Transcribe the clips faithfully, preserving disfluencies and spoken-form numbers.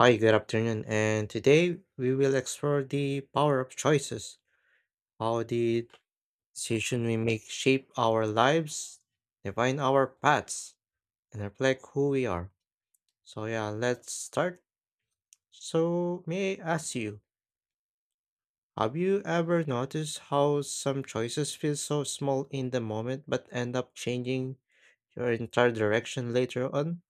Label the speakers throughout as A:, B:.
A: Hi, good afternoon. And today we will explore the power of choices, how the decision we make shape our lives, define our paths, and reflect who we are. So yeah, let's start. So may I ask you, have you ever noticed how some choices feel so small in the moment but end up changing your entire direction later on?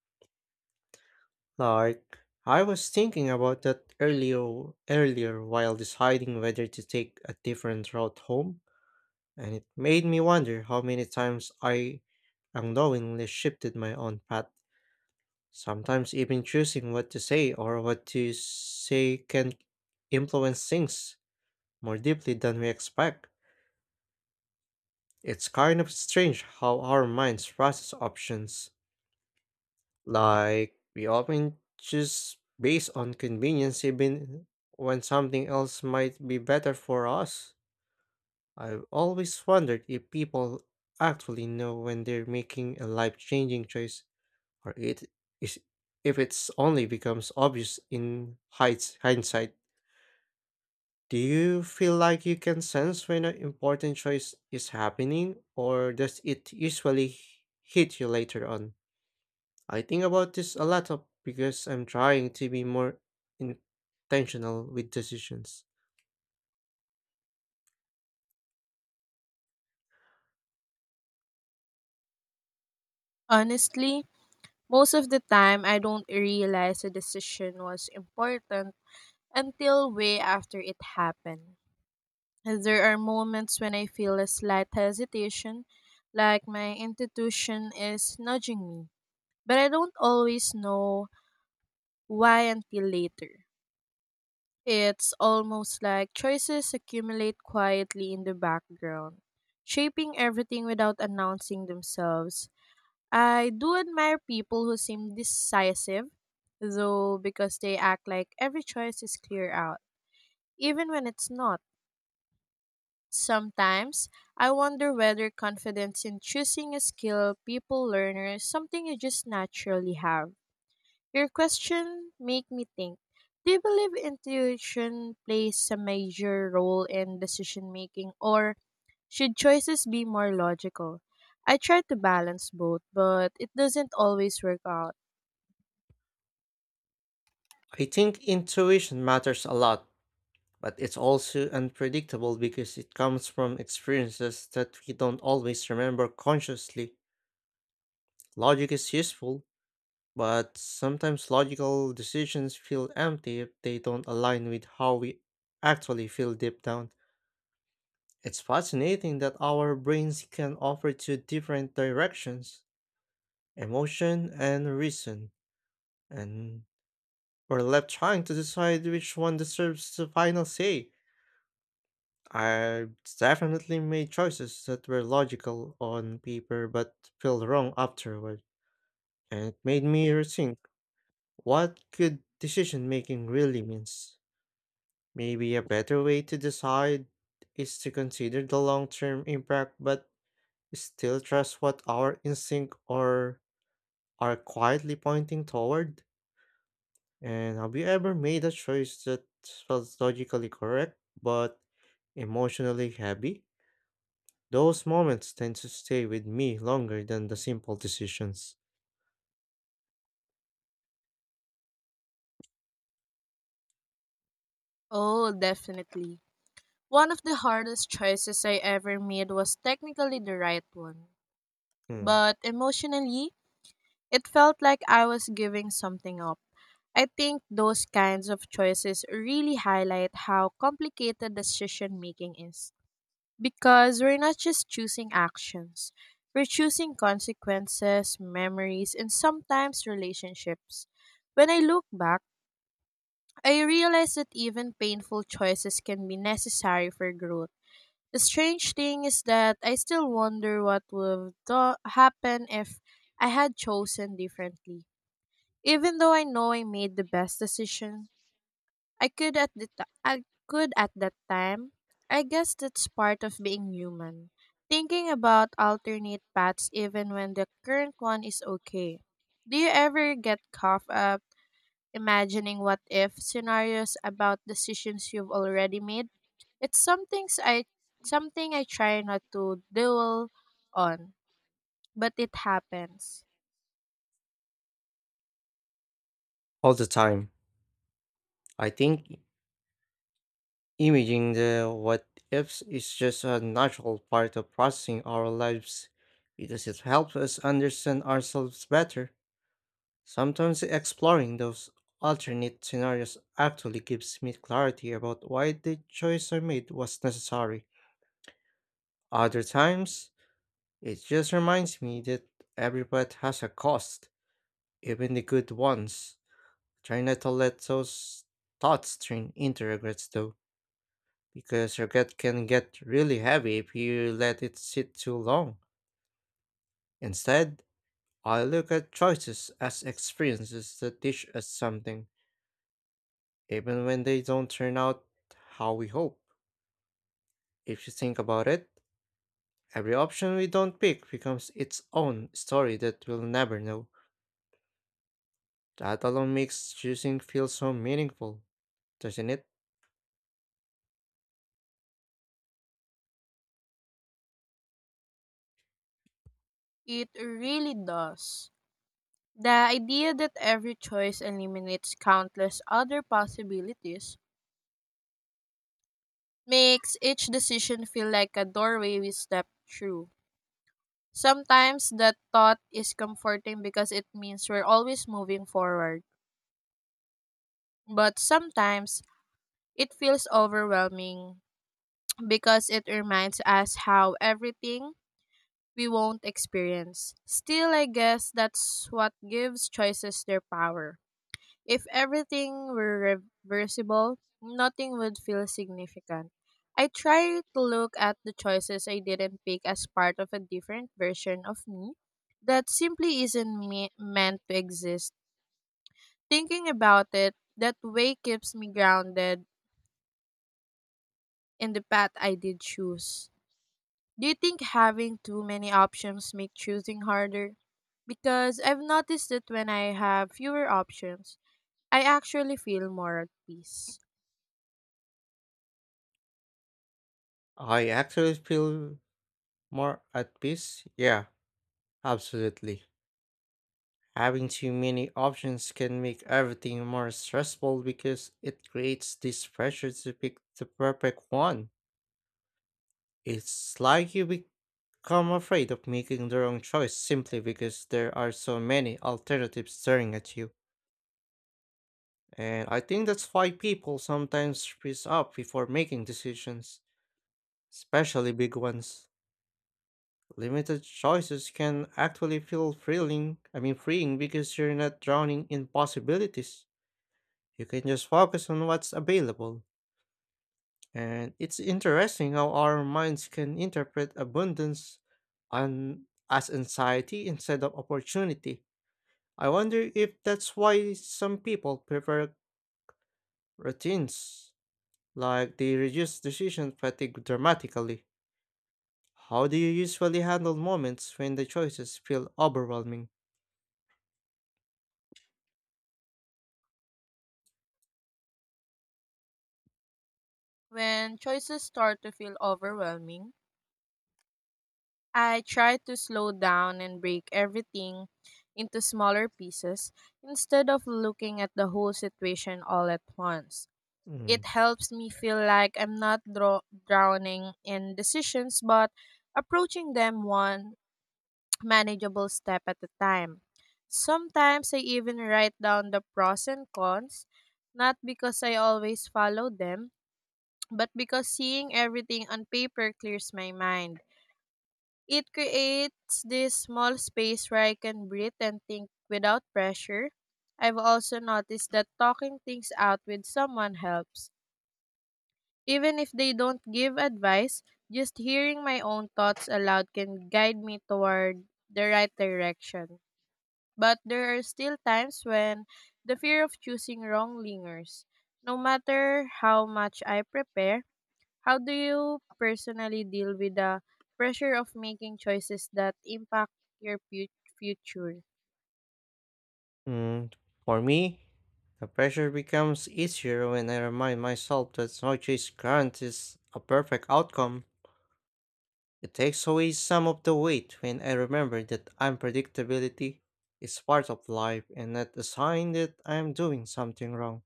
A: Like, I was thinking about that earlier earlier while deciding whether to take a different route home, and it made me wonder how many times I unknowingly shifted my own path, sometimes even choosing what to say or what to say can influence things more deeply than we expect. It's kind of strange how our minds process options. Like, we often choose based on convenience even when something else might be better for us. I've always wondered if people actually know when they're making a life-changing choice or it is if it's only becomes obvious in hides- hindsight. Do you feel like you can sense when an important choice is happening, or does it usually hit you later on? I think about this a lot of because I'm trying to be more intentional with decisions.
B: Honestly, most of the time I don't realize a decision was important until way after it happened. There are moments when I feel a slight hesitation, like my intuition is nudging me, but I don't always know why until later. It's almost like choices accumulate quietly in the background, shaping everything without announcing themselves. I do admire people who seem decisive, though, because they act like every choice is clear out, even when it's not. Sometimes I wonder whether confidence in choosing a skill people learn or is something you just naturally have. Your question make me think. Do you believe intuition plays a major role in decision making or should choices be more logical? I try to balance both, but it doesn't always work out.
A: I think intuition matters a lot, but it's also unpredictable because it comes from experiences that we don't always remember consciously. Logic is useful, but sometimes logical decisions feel empty if they don't align with how we actually feel deep down. It's fascinating that our brains can offer two different directions, emotion and reason, and we're left trying to decide which one deserves the final say. I've definitely made choices that were logical on paper but felt wrong afterward, and it made me rethink what good decision making really means. Maybe a better way to decide is to consider the long term impact but still trust what our instinct or are quietly pointing toward. And have you ever made a choice that felt logically correct but emotionally heavy? Those moments tend to stay with me longer than the simple decisions.
B: Oh, definitely. One of the hardest choices I ever made was technically the right one.
A: Hmm.
B: But emotionally, it felt like I was giving something up. I think those kinds of choices really highlight how complicated decision making is. Because we're not just choosing actions, we're choosing consequences, memories, and sometimes relationships. When I look back, I realize that even painful choices can be necessary for growth. The strange thing is that I still wonder what would do- happen if I had chosen differently. Even though I know I made the best decision, I could at the t- I could at that time. I guess that's part of being human, thinking about alternate paths even when the current one is okay. Do you ever get caught up imagining what if scenarios about decisions you've already made? It's something I something I try not to dwell on, but it happens.
A: All the time. I think imaging the what ifs is just a natural part of processing our lives because it helps us understand ourselves better. Sometimes exploring those alternate scenarios actually gives me clarity about why the choice I made was necessary. Other times, it just reminds me that every pet has a cost, even the good ones. Try not to let those thoughts turn into regrets though, because regret can get really heavy if you let it sit too long. Instead, I look at choices as experiences that teach us something, even when they don't turn out how we hope. If you think about it, every option we don't pick becomes its own story that we'll never know. That alone makes choosing feel so meaningful, doesn't it?
B: It really does. The idea that every choice eliminates countless other possibilities makes each decision feel like a doorway we step through. Sometimes that thought is comforting because it means we're always moving forward. But sometimes it feels overwhelming because it reminds us how everything we won't experience. Still, I guess that's what gives choices their power. If everything were reversible, nothing would feel significant. I try to look at the choices I didn't pick as part of a different version of me that simply isn't me- meant to exist. Thinking about it that way keeps me grounded in the path I did choose. Do you think having too many options make choosing harder? Because I've noticed that when I have fewer options, I actually feel more at peace.
A: I actually feel more at peace. Yeah, absolutely. Having too many options can make everything more stressful because it creates this pressure to pick the perfect one. It's like you become afraid of making the wrong choice simply because there are so many alternatives staring at you. And I think that's why people sometimes freeze up before making decisions, especially big ones. Limited choices can actually feel thrilling, I mean freeing, because you're not drowning in possibilities. You can just focus on what's available. And it's interesting how our minds can interpret abundance on, as anxiety instead of opportunity. I wonder if that's why some people prefer routines, like they reduce decision fatigue dramatically. How do you usually handle moments when the choices feel overwhelming?
B: When choices start to feel overwhelming, I try to slow down and break everything into smaller pieces instead of looking at the whole situation all at once. It
A: Mm.
B: helps me feel like I'm not dro- drowning in decisions but approaching them one manageable step at a time. Sometimes I even write down the pros and cons, not because I always follow them, but because seeing everything on paper clears my mind. It creates this small space where I can breathe and think without pressure. I've also noticed that talking things out with someone helps. Even if they don't give advice, just hearing my own thoughts aloud can guide me toward the right direction. But there are still times when the fear of choosing wrong lingers. No matter how much I prepare, how do you personally deal with the pressure of making choices that impact your fu- future?
A: Mm, for me, the pressure becomes easier when I remind myself that no choice guarantees a perfect outcome. It takes away some of the weight when I remember that unpredictability is part of life and not a sign that I am doing something wrong.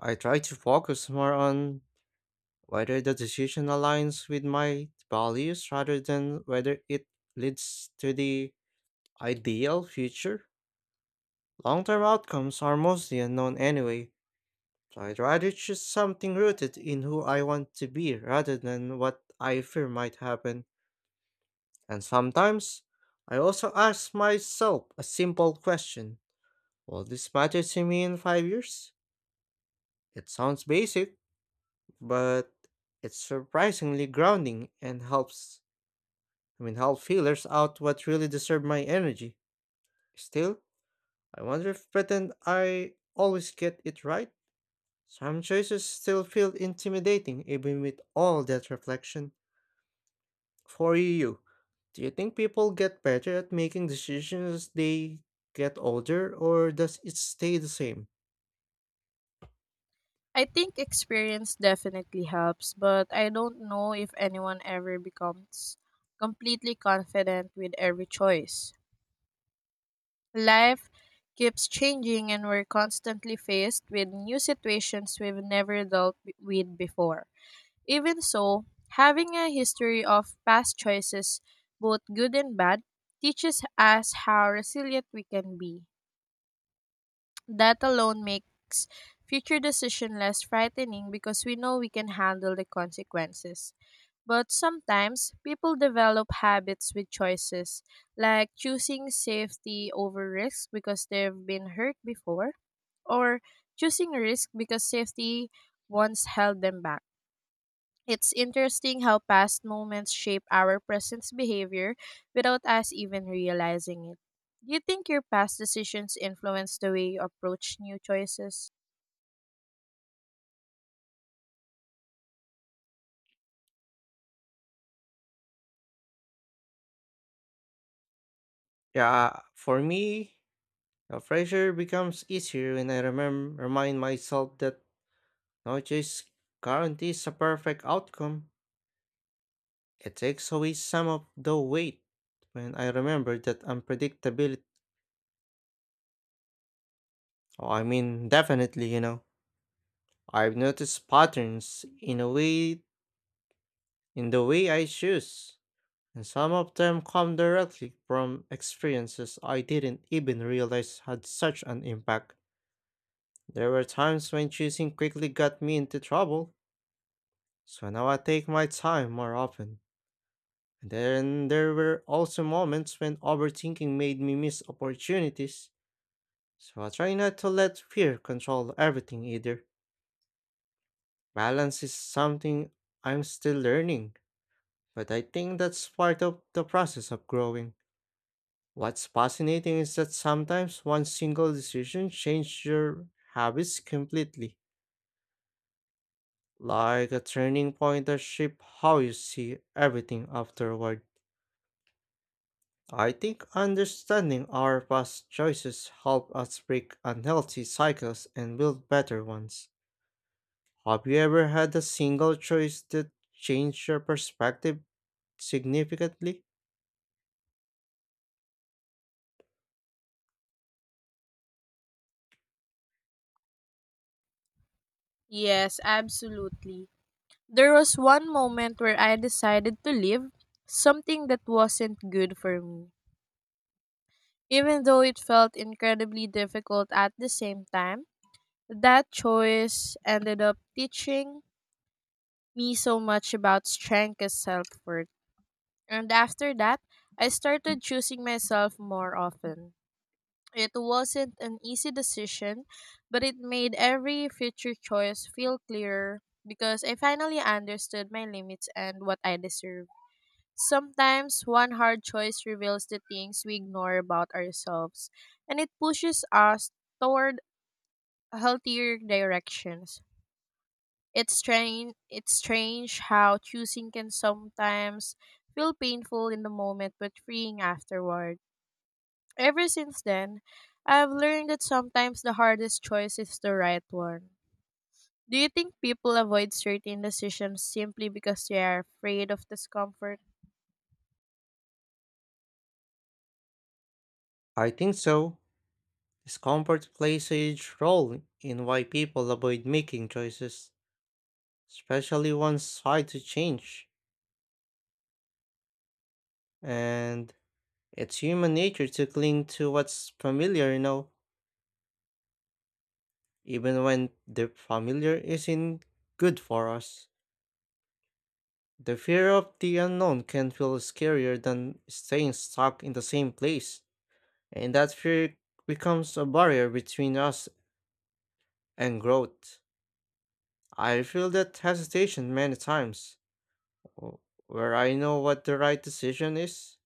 A: I try to focus more on whether the decision aligns with my values rather than whether it leads to the ideal future. Long term outcomes are mostly unknown anyway. I'd rather choose something rooted in who I want to be rather than what I fear might happen. And sometimes, I also ask myself a simple question: Will this matter to me in five years? It sounds basic, but it's surprisingly grounding and helps, I mean, help feelers out what really deserve my energy. Still, I wonder if pretend I always get it right. Some choices still feel intimidating even with all that reflection. For you, do you think people get better at making decisions as they get older, or does it stay the same?
B: I think experience definitely helps, but I don't know if anyone ever becomes completely confident with every choice. Life keeps changing and we're constantly faced with new situations we've never dealt b- with before. Even so, having a history of past choices, both good and bad, teaches us how resilient we can be. That alone makes future decision less frightening because we know we can handle the consequences. But sometimes people develop habits with choices, like choosing safety over risk because they've been hurt before, or choosing risk because safety once held them back. It's interesting how past moments shape our present behavior without us even realizing it. Do you think your past decisions influence the way you approach new choices?
A: Yeah, for me, the pressure becomes easier when I remem- remind myself that no choice guarantees a perfect outcome. It takes away some of the weight when I remember that unpredictability. Oh, I mean, definitely, you know, I've noticed patterns in a way in the way I choose, and some of them come directly from experiences I didn't even realize had such an impact. There were times when choosing quickly got me into trouble, so now I take my time more often. And then there were also moments when overthinking made me miss opportunities, so I try not to let fear control everything either. Balance is something I'm still learning, but I think that's part of the process of growing. What's fascinating is that sometimes one single decision changes your habits completely, like a turning point that shapes how you see everything afterward. I think understanding our past choices help us break unhealthy cycles and build better ones. Have you ever had a single choice that changed your perspective significantly?
B: Yes, absolutely. There was one moment where I decided to leave something that wasn't good for me. Even though it felt incredibly difficult at the same time, that choice ended up teaching me so much about strength and self worth. And after that, I started choosing myself more often. It wasn't an easy decision, but it made every future choice feel clearer because I finally understood my limits and what I deserve. Sometimes one hard choice reveals the things we ignore about ourselves, and it pushes us toward healthier directions. It's strange it's strange how choosing can sometimes feel painful in the moment but freeing afterward. Ever since then, I've learned that sometimes the hardest choice is the right one. Do you think people avoid certain decisions simply because they are afraid of discomfort?
A: I think so. Discomfort plays a huge role in why people avoid making choices, especially once hard to change. And it's human nature to cling to what's familiar, you know, even when the familiar isn't good for us. The fear of the unknown can feel scarier than staying stuck in the same place, and that fear becomes a barrier between us and growth. I feel that hesitation many times, w- where I know what the right decision is,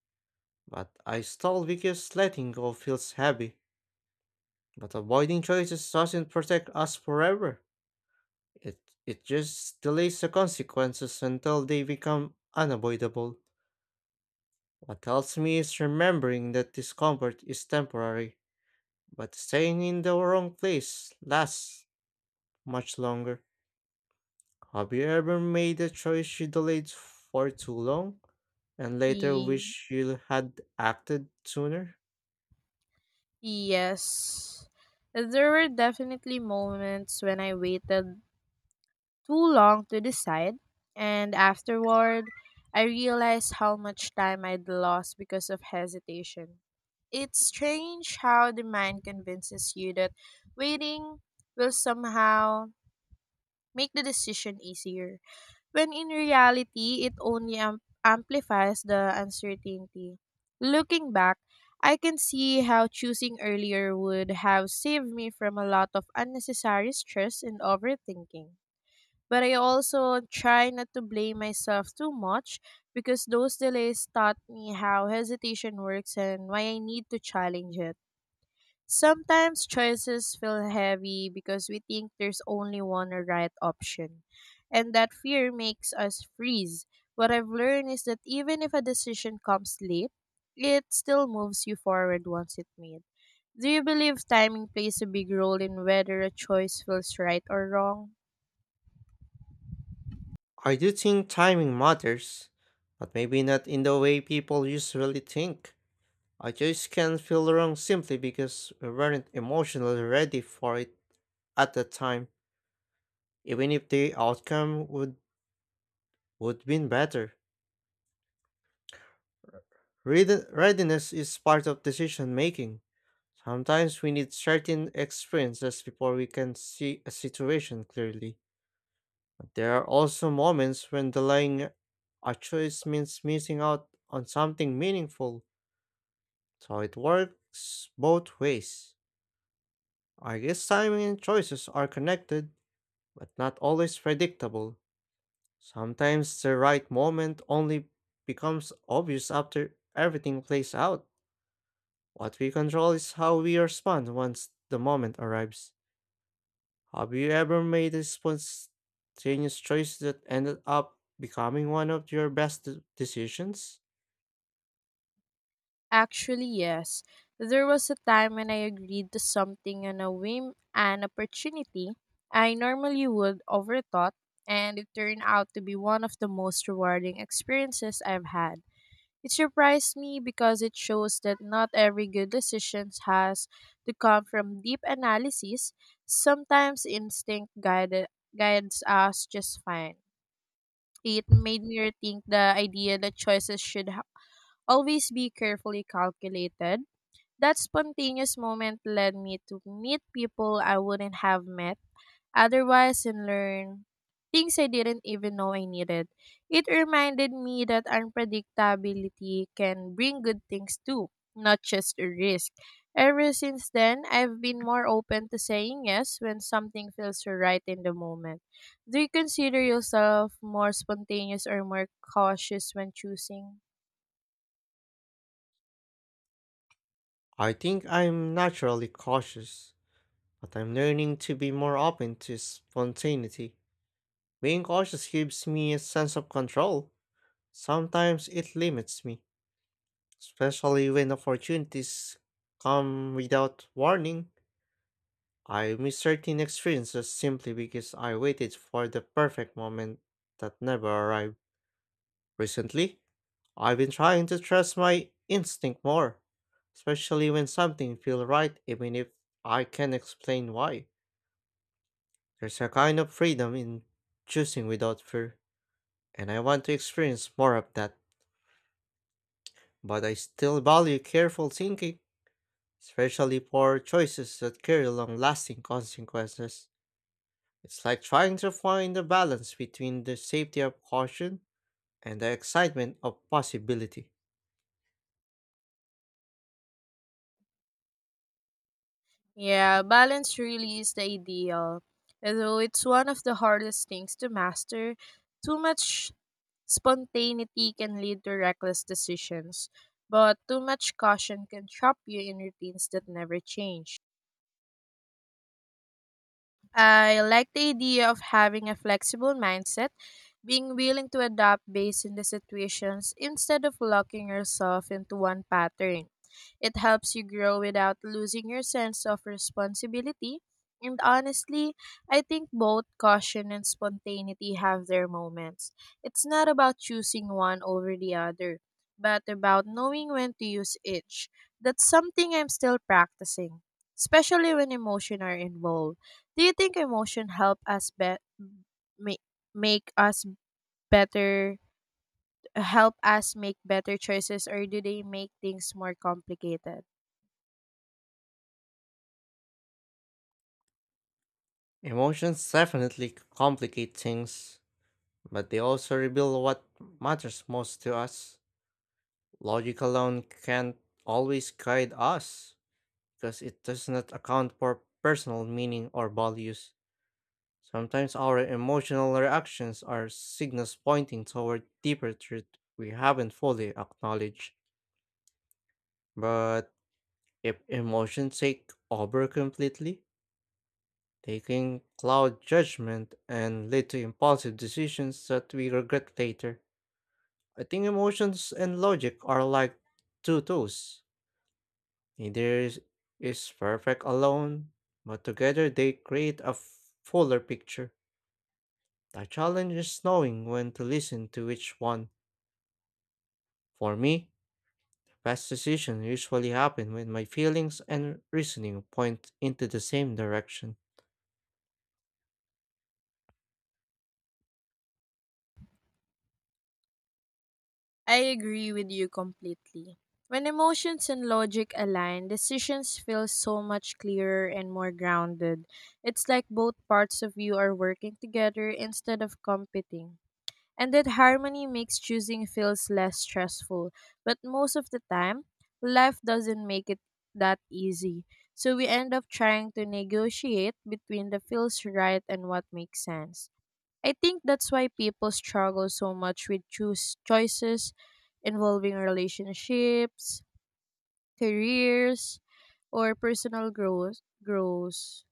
A: but I stall because letting go feels heavy. But avoiding choices doesn't protect us forever. It it just delays the consequences until they become unavoidable. What helps me is remembering that discomfort is temporary, but staying in the wrong place lasts much longer. Have you ever made a choice you delayed for too long and later
B: Ye-
A: wish you had acted sooner?
B: Yes. There were definitely moments when I waited too long to decide. And afterward, I realized how much time I'd lost because of hesitation. It's strange how the mind convinces you that waiting will somehow make the decision easier, when in reality, it only am- amplifies the uncertainty. Looking back, I can see how choosing earlier would have saved me from a lot of unnecessary stress and overthinking. But I also try not to blame myself too much because those delays taught me how hesitation works and why I need to challenge it. Sometimes choices feel heavy because we think there's only one right option, and that fear makes us freeze. What I've learned is that even if a decision comes late, it still moves you forward once it's made. Do you believe timing plays a big role in whether a choice feels right or wrong?
A: I do think timing matters, but maybe not in the way people usually think. I just can feel wrong simply because we weren't emotionally ready for it at the time, even if the outcome would would been better. Read- Readiness is part of decision making. Sometimes we need certain experiences before we can see a situation clearly. But there are also moments when delaying a choice means missing out on something meaningful, so it works both ways. I guess timing and choices are connected but not always predictable. Sometimes the right moment only becomes obvious after everything plays out. What we control is how we respond once the moment arrives. Have you ever made a spontaneous choice that ended up becoming one of your best de- decisions?
B: Actually, yes. There was a time when I agreed to something on a whim and opportunity I normally would overthought, and it turned out to be one of the most rewarding experiences I've had. It surprised me because it shows that not every good decision has to come from deep analysis. Sometimes instinct guide, guides us just fine. It made me rethink the idea that choices should ha- always be carefully calculated. That spontaneous moment led me to meet people I wouldn't have met otherwise and learn things I didn't even know I needed. It reminded me that unpredictability can bring good things too, not just a risk. Ever since then, I've been more open to saying yes when something feels right in the moment. Do you consider yourself more spontaneous or more cautious when choosing?
A: I think I'm naturally cautious, but I'm learning to be more open to spontaneity. Being cautious gives me a sense of control. Sometimes it limits me, especially when opportunities come without warning. I miss certain experiences simply because I waited for the perfect moment that never arrived. Recently, I've been trying to trust my instinct more, especially when something feels right, even if I can't explain why. There's a kind of freedom in choosing without fear, and I want to experience more of that, but I still value careful thinking, especially for choices that carry long lasting consequences. It's like trying to find a balance between the safety of caution and the excitement of possibility.
B: Yeah, balance really is the ideal, although it's one of the hardest things to master. Too much spontaneity can lead to reckless decisions, but too much caution can trap you in routines that never change. I like the idea of having a flexible mindset, being willing to adapt based on the situations instead of locking yourself into one pattern. It helps you grow without losing your sense of responsibility. And honestly, I think both caution and spontaneity have their moments. It's not about choosing one over the other, but about knowing when to use each. That's something I'm still practicing, especially when emotion are involved. Do you think emotion help us be- make make us better help us make better choices or do they make things more complicated?
A: Emotions definitely complicate things, but they also reveal what matters most to us. Logic alone can't always guide us because it does not account for personal meaning or values. Sometimes our emotional reactions are signals pointing toward deeper truth we haven't fully acknowledged. But if emotions take over completely, they can cloud judgment and lead to impulsive decisions that we regret later. I think emotions and logic are like two tools. Neither is, is perfect alone, but together they create a fuller picture. The challenge is knowing when to listen to which one. For me, past decisions usually happen when my feelings and reasoning point into the same direction.
B: I agree with you completely. When emotions and logic align, decisions feel so much clearer and more grounded. It's like both parts of you are working together instead of competing. And that harmony makes choosing feels less stressful. But most of the time, life doesn't make it that easy. So we end up trying to negotiate between the feels right and what makes sense. I think that's why people struggle so much with choose choices involving relationships, careers, or personal growth grows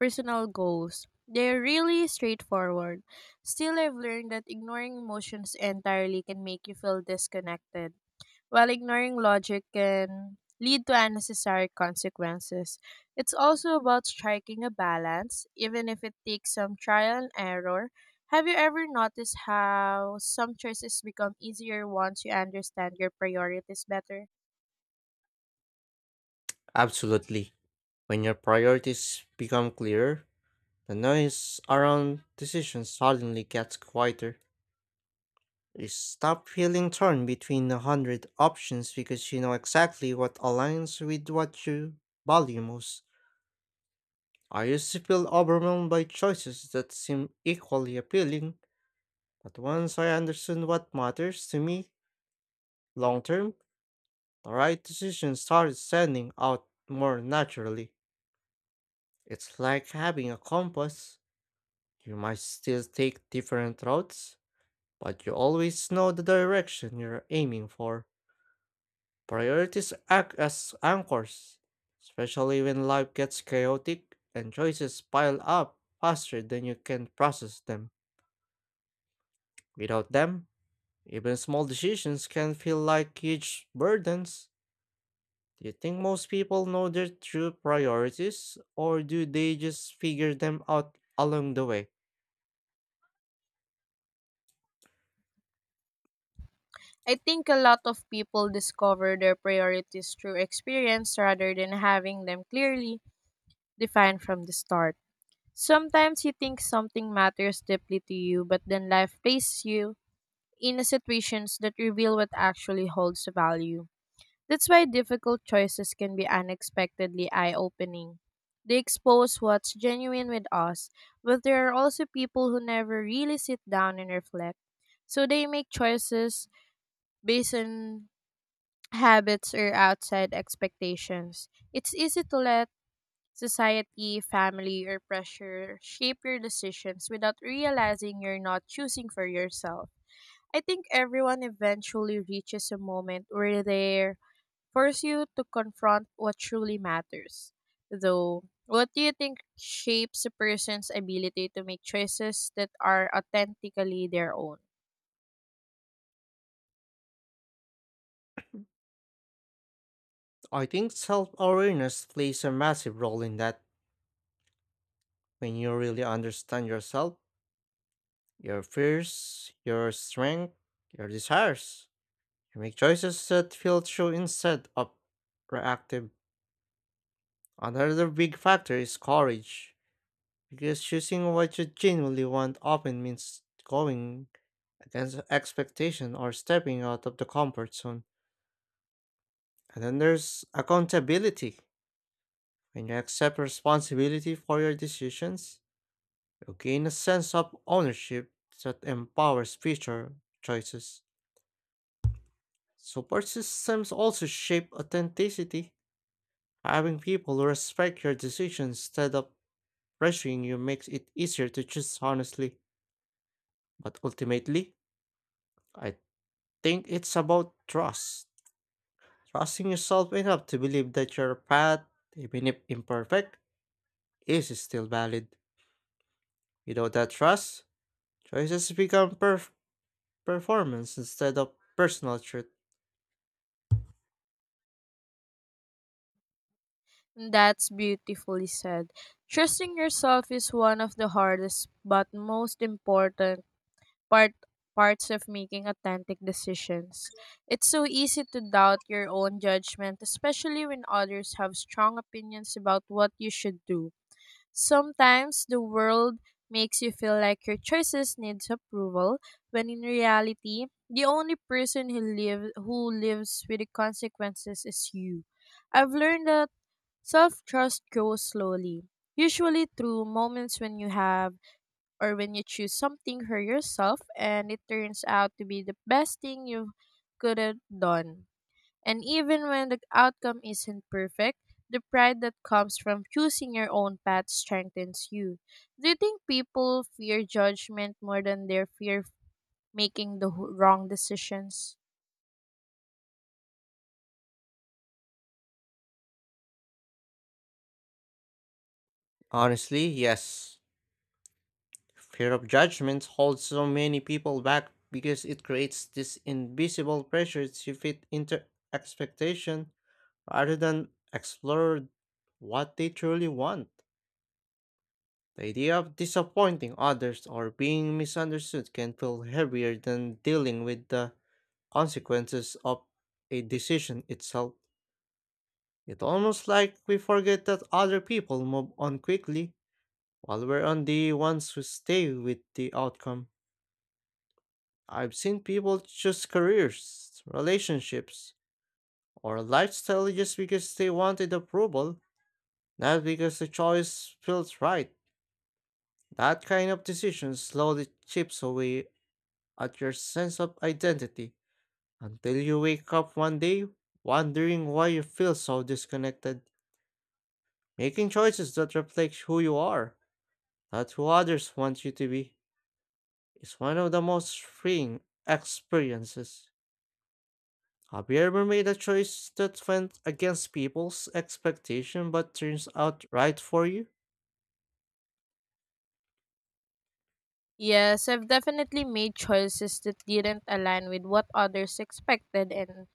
B: personal goals. They're really straightforward. Still I've learned that ignoring emotions entirely can make you feel disconnected. While ignoring logic can lead to unnecessary consequences, it's also about striking a balance, even if it takes some trial and error. Have you ever noticed how some choices become easier once you understand your priorities better?
A: Absolutely. When your priorities become clearer, the noise around decisions suddenly gets quieter. You stop feeling torn between a hundred options because you know exactly what aligns with what you value most. I used to feel overwhelmed by choices that seem equally appealing, but once I understood what matters to me long term, the right decision started standing out more naturally. It's like having a compass. You might still take different routes, but you always know the direction you're aiming for. Priorities act as anchors, especially when life gets chaotic and choices pile up faster than you can process them. Without them, even small decisions can feel like huge burdens. Do you think most people know their true priorities, or do they just figure them out along the way?
B: I think a lot of people discover their priorities through experience rather than having them clearly defined from the start. Sometimes you think something matters deeply to you, but then life places you in situations that reveal what actually holds value. That's why difficult choices can be unexpectedly eye opening. They expose what's genuine with us, but there are also people who never really sit down and reflect. So they make choices based on habits or outside expectations. It's easy to let society, family, or pressure shape your decisions without realizing you're not choosing for yourself. I think everyone eventually reaches a moment where they force you to confront what truly matters. Though, what do you think shapes a person's ability to make choices that are authentically their own?
A: I think self awareness plays a massive role in that. When you really understand yourself, your fears, your strength, your desires, you make choices that feel true instead of reactive. Another big factor is courage, because choosing what you genuinely want often means going against expectation or stepping out of the comfort zone. And then there's accountability. When you accept responsibility for your decisions, you gain a sense of ownership that empowers future choices. Support systems also shape authenticity. Having people who respect your decisions instead of pressuring you makes it easier to choose honestly. But ultimately, I think it's about trust. Trusting yourself enough to believe that your path, even if imperfect, is still valid. Without that trust, choices become perf- performance instead of personal truth.
B: That's beautifully said. Trusting yourself is one of the hardest but most important part parts of making authentic decisions. It's so easy to doubt your own judgment, especially when others have strong opinions about what you should do. Sometimes the world makes you feel like your choices needs approval, when in reality, the only person who live who lives with the consequences is you. I've learned that self-trust grows slowly, usually through moments when you have or when you choose something for yourself and it turns out to be the best thing you could have done. And even when the outcome isn't perfect, the pride that comes from choosing your own path strengthens you. Do you think people fear judgment more than they fear making the wh- wrong decisions?
A: Honestly, yes. Fear of judgment holds so many people back because it creates this invisible pressure to fit into expectation rather than explore what they truly want. The idea of disappointing others or being misunderstood can feel heavier than dealing with the consequences of a decision itself. It's almost like we forget that other people move on quickly while we're on the ones who stay with the outcome. I've seen people choose careers, relationships, or lifestyle just because they wanted approval, not because the choice feels right. That kind of decision slowly chips away at your sense of identity until you wake up one day wondering why you feel so disconnected. Making choices that reflect who you are, not who others want you to be, is one of the most freeing experiences. Have you ever made a choice that went against people's expectation but turns out right for you?
B: Yes, I've definitely made choices that didn't align with what others expected, and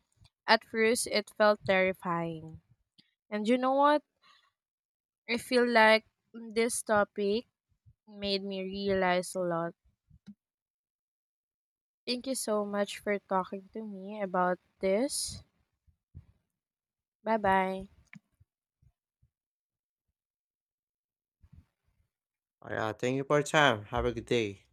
B: at first it felt terrifying. And you know what? I feel like this topic made me realize a lot. Thank you so much for talking to me about this. Bye bye.
A: Alright, thank you for your time. Have a good day.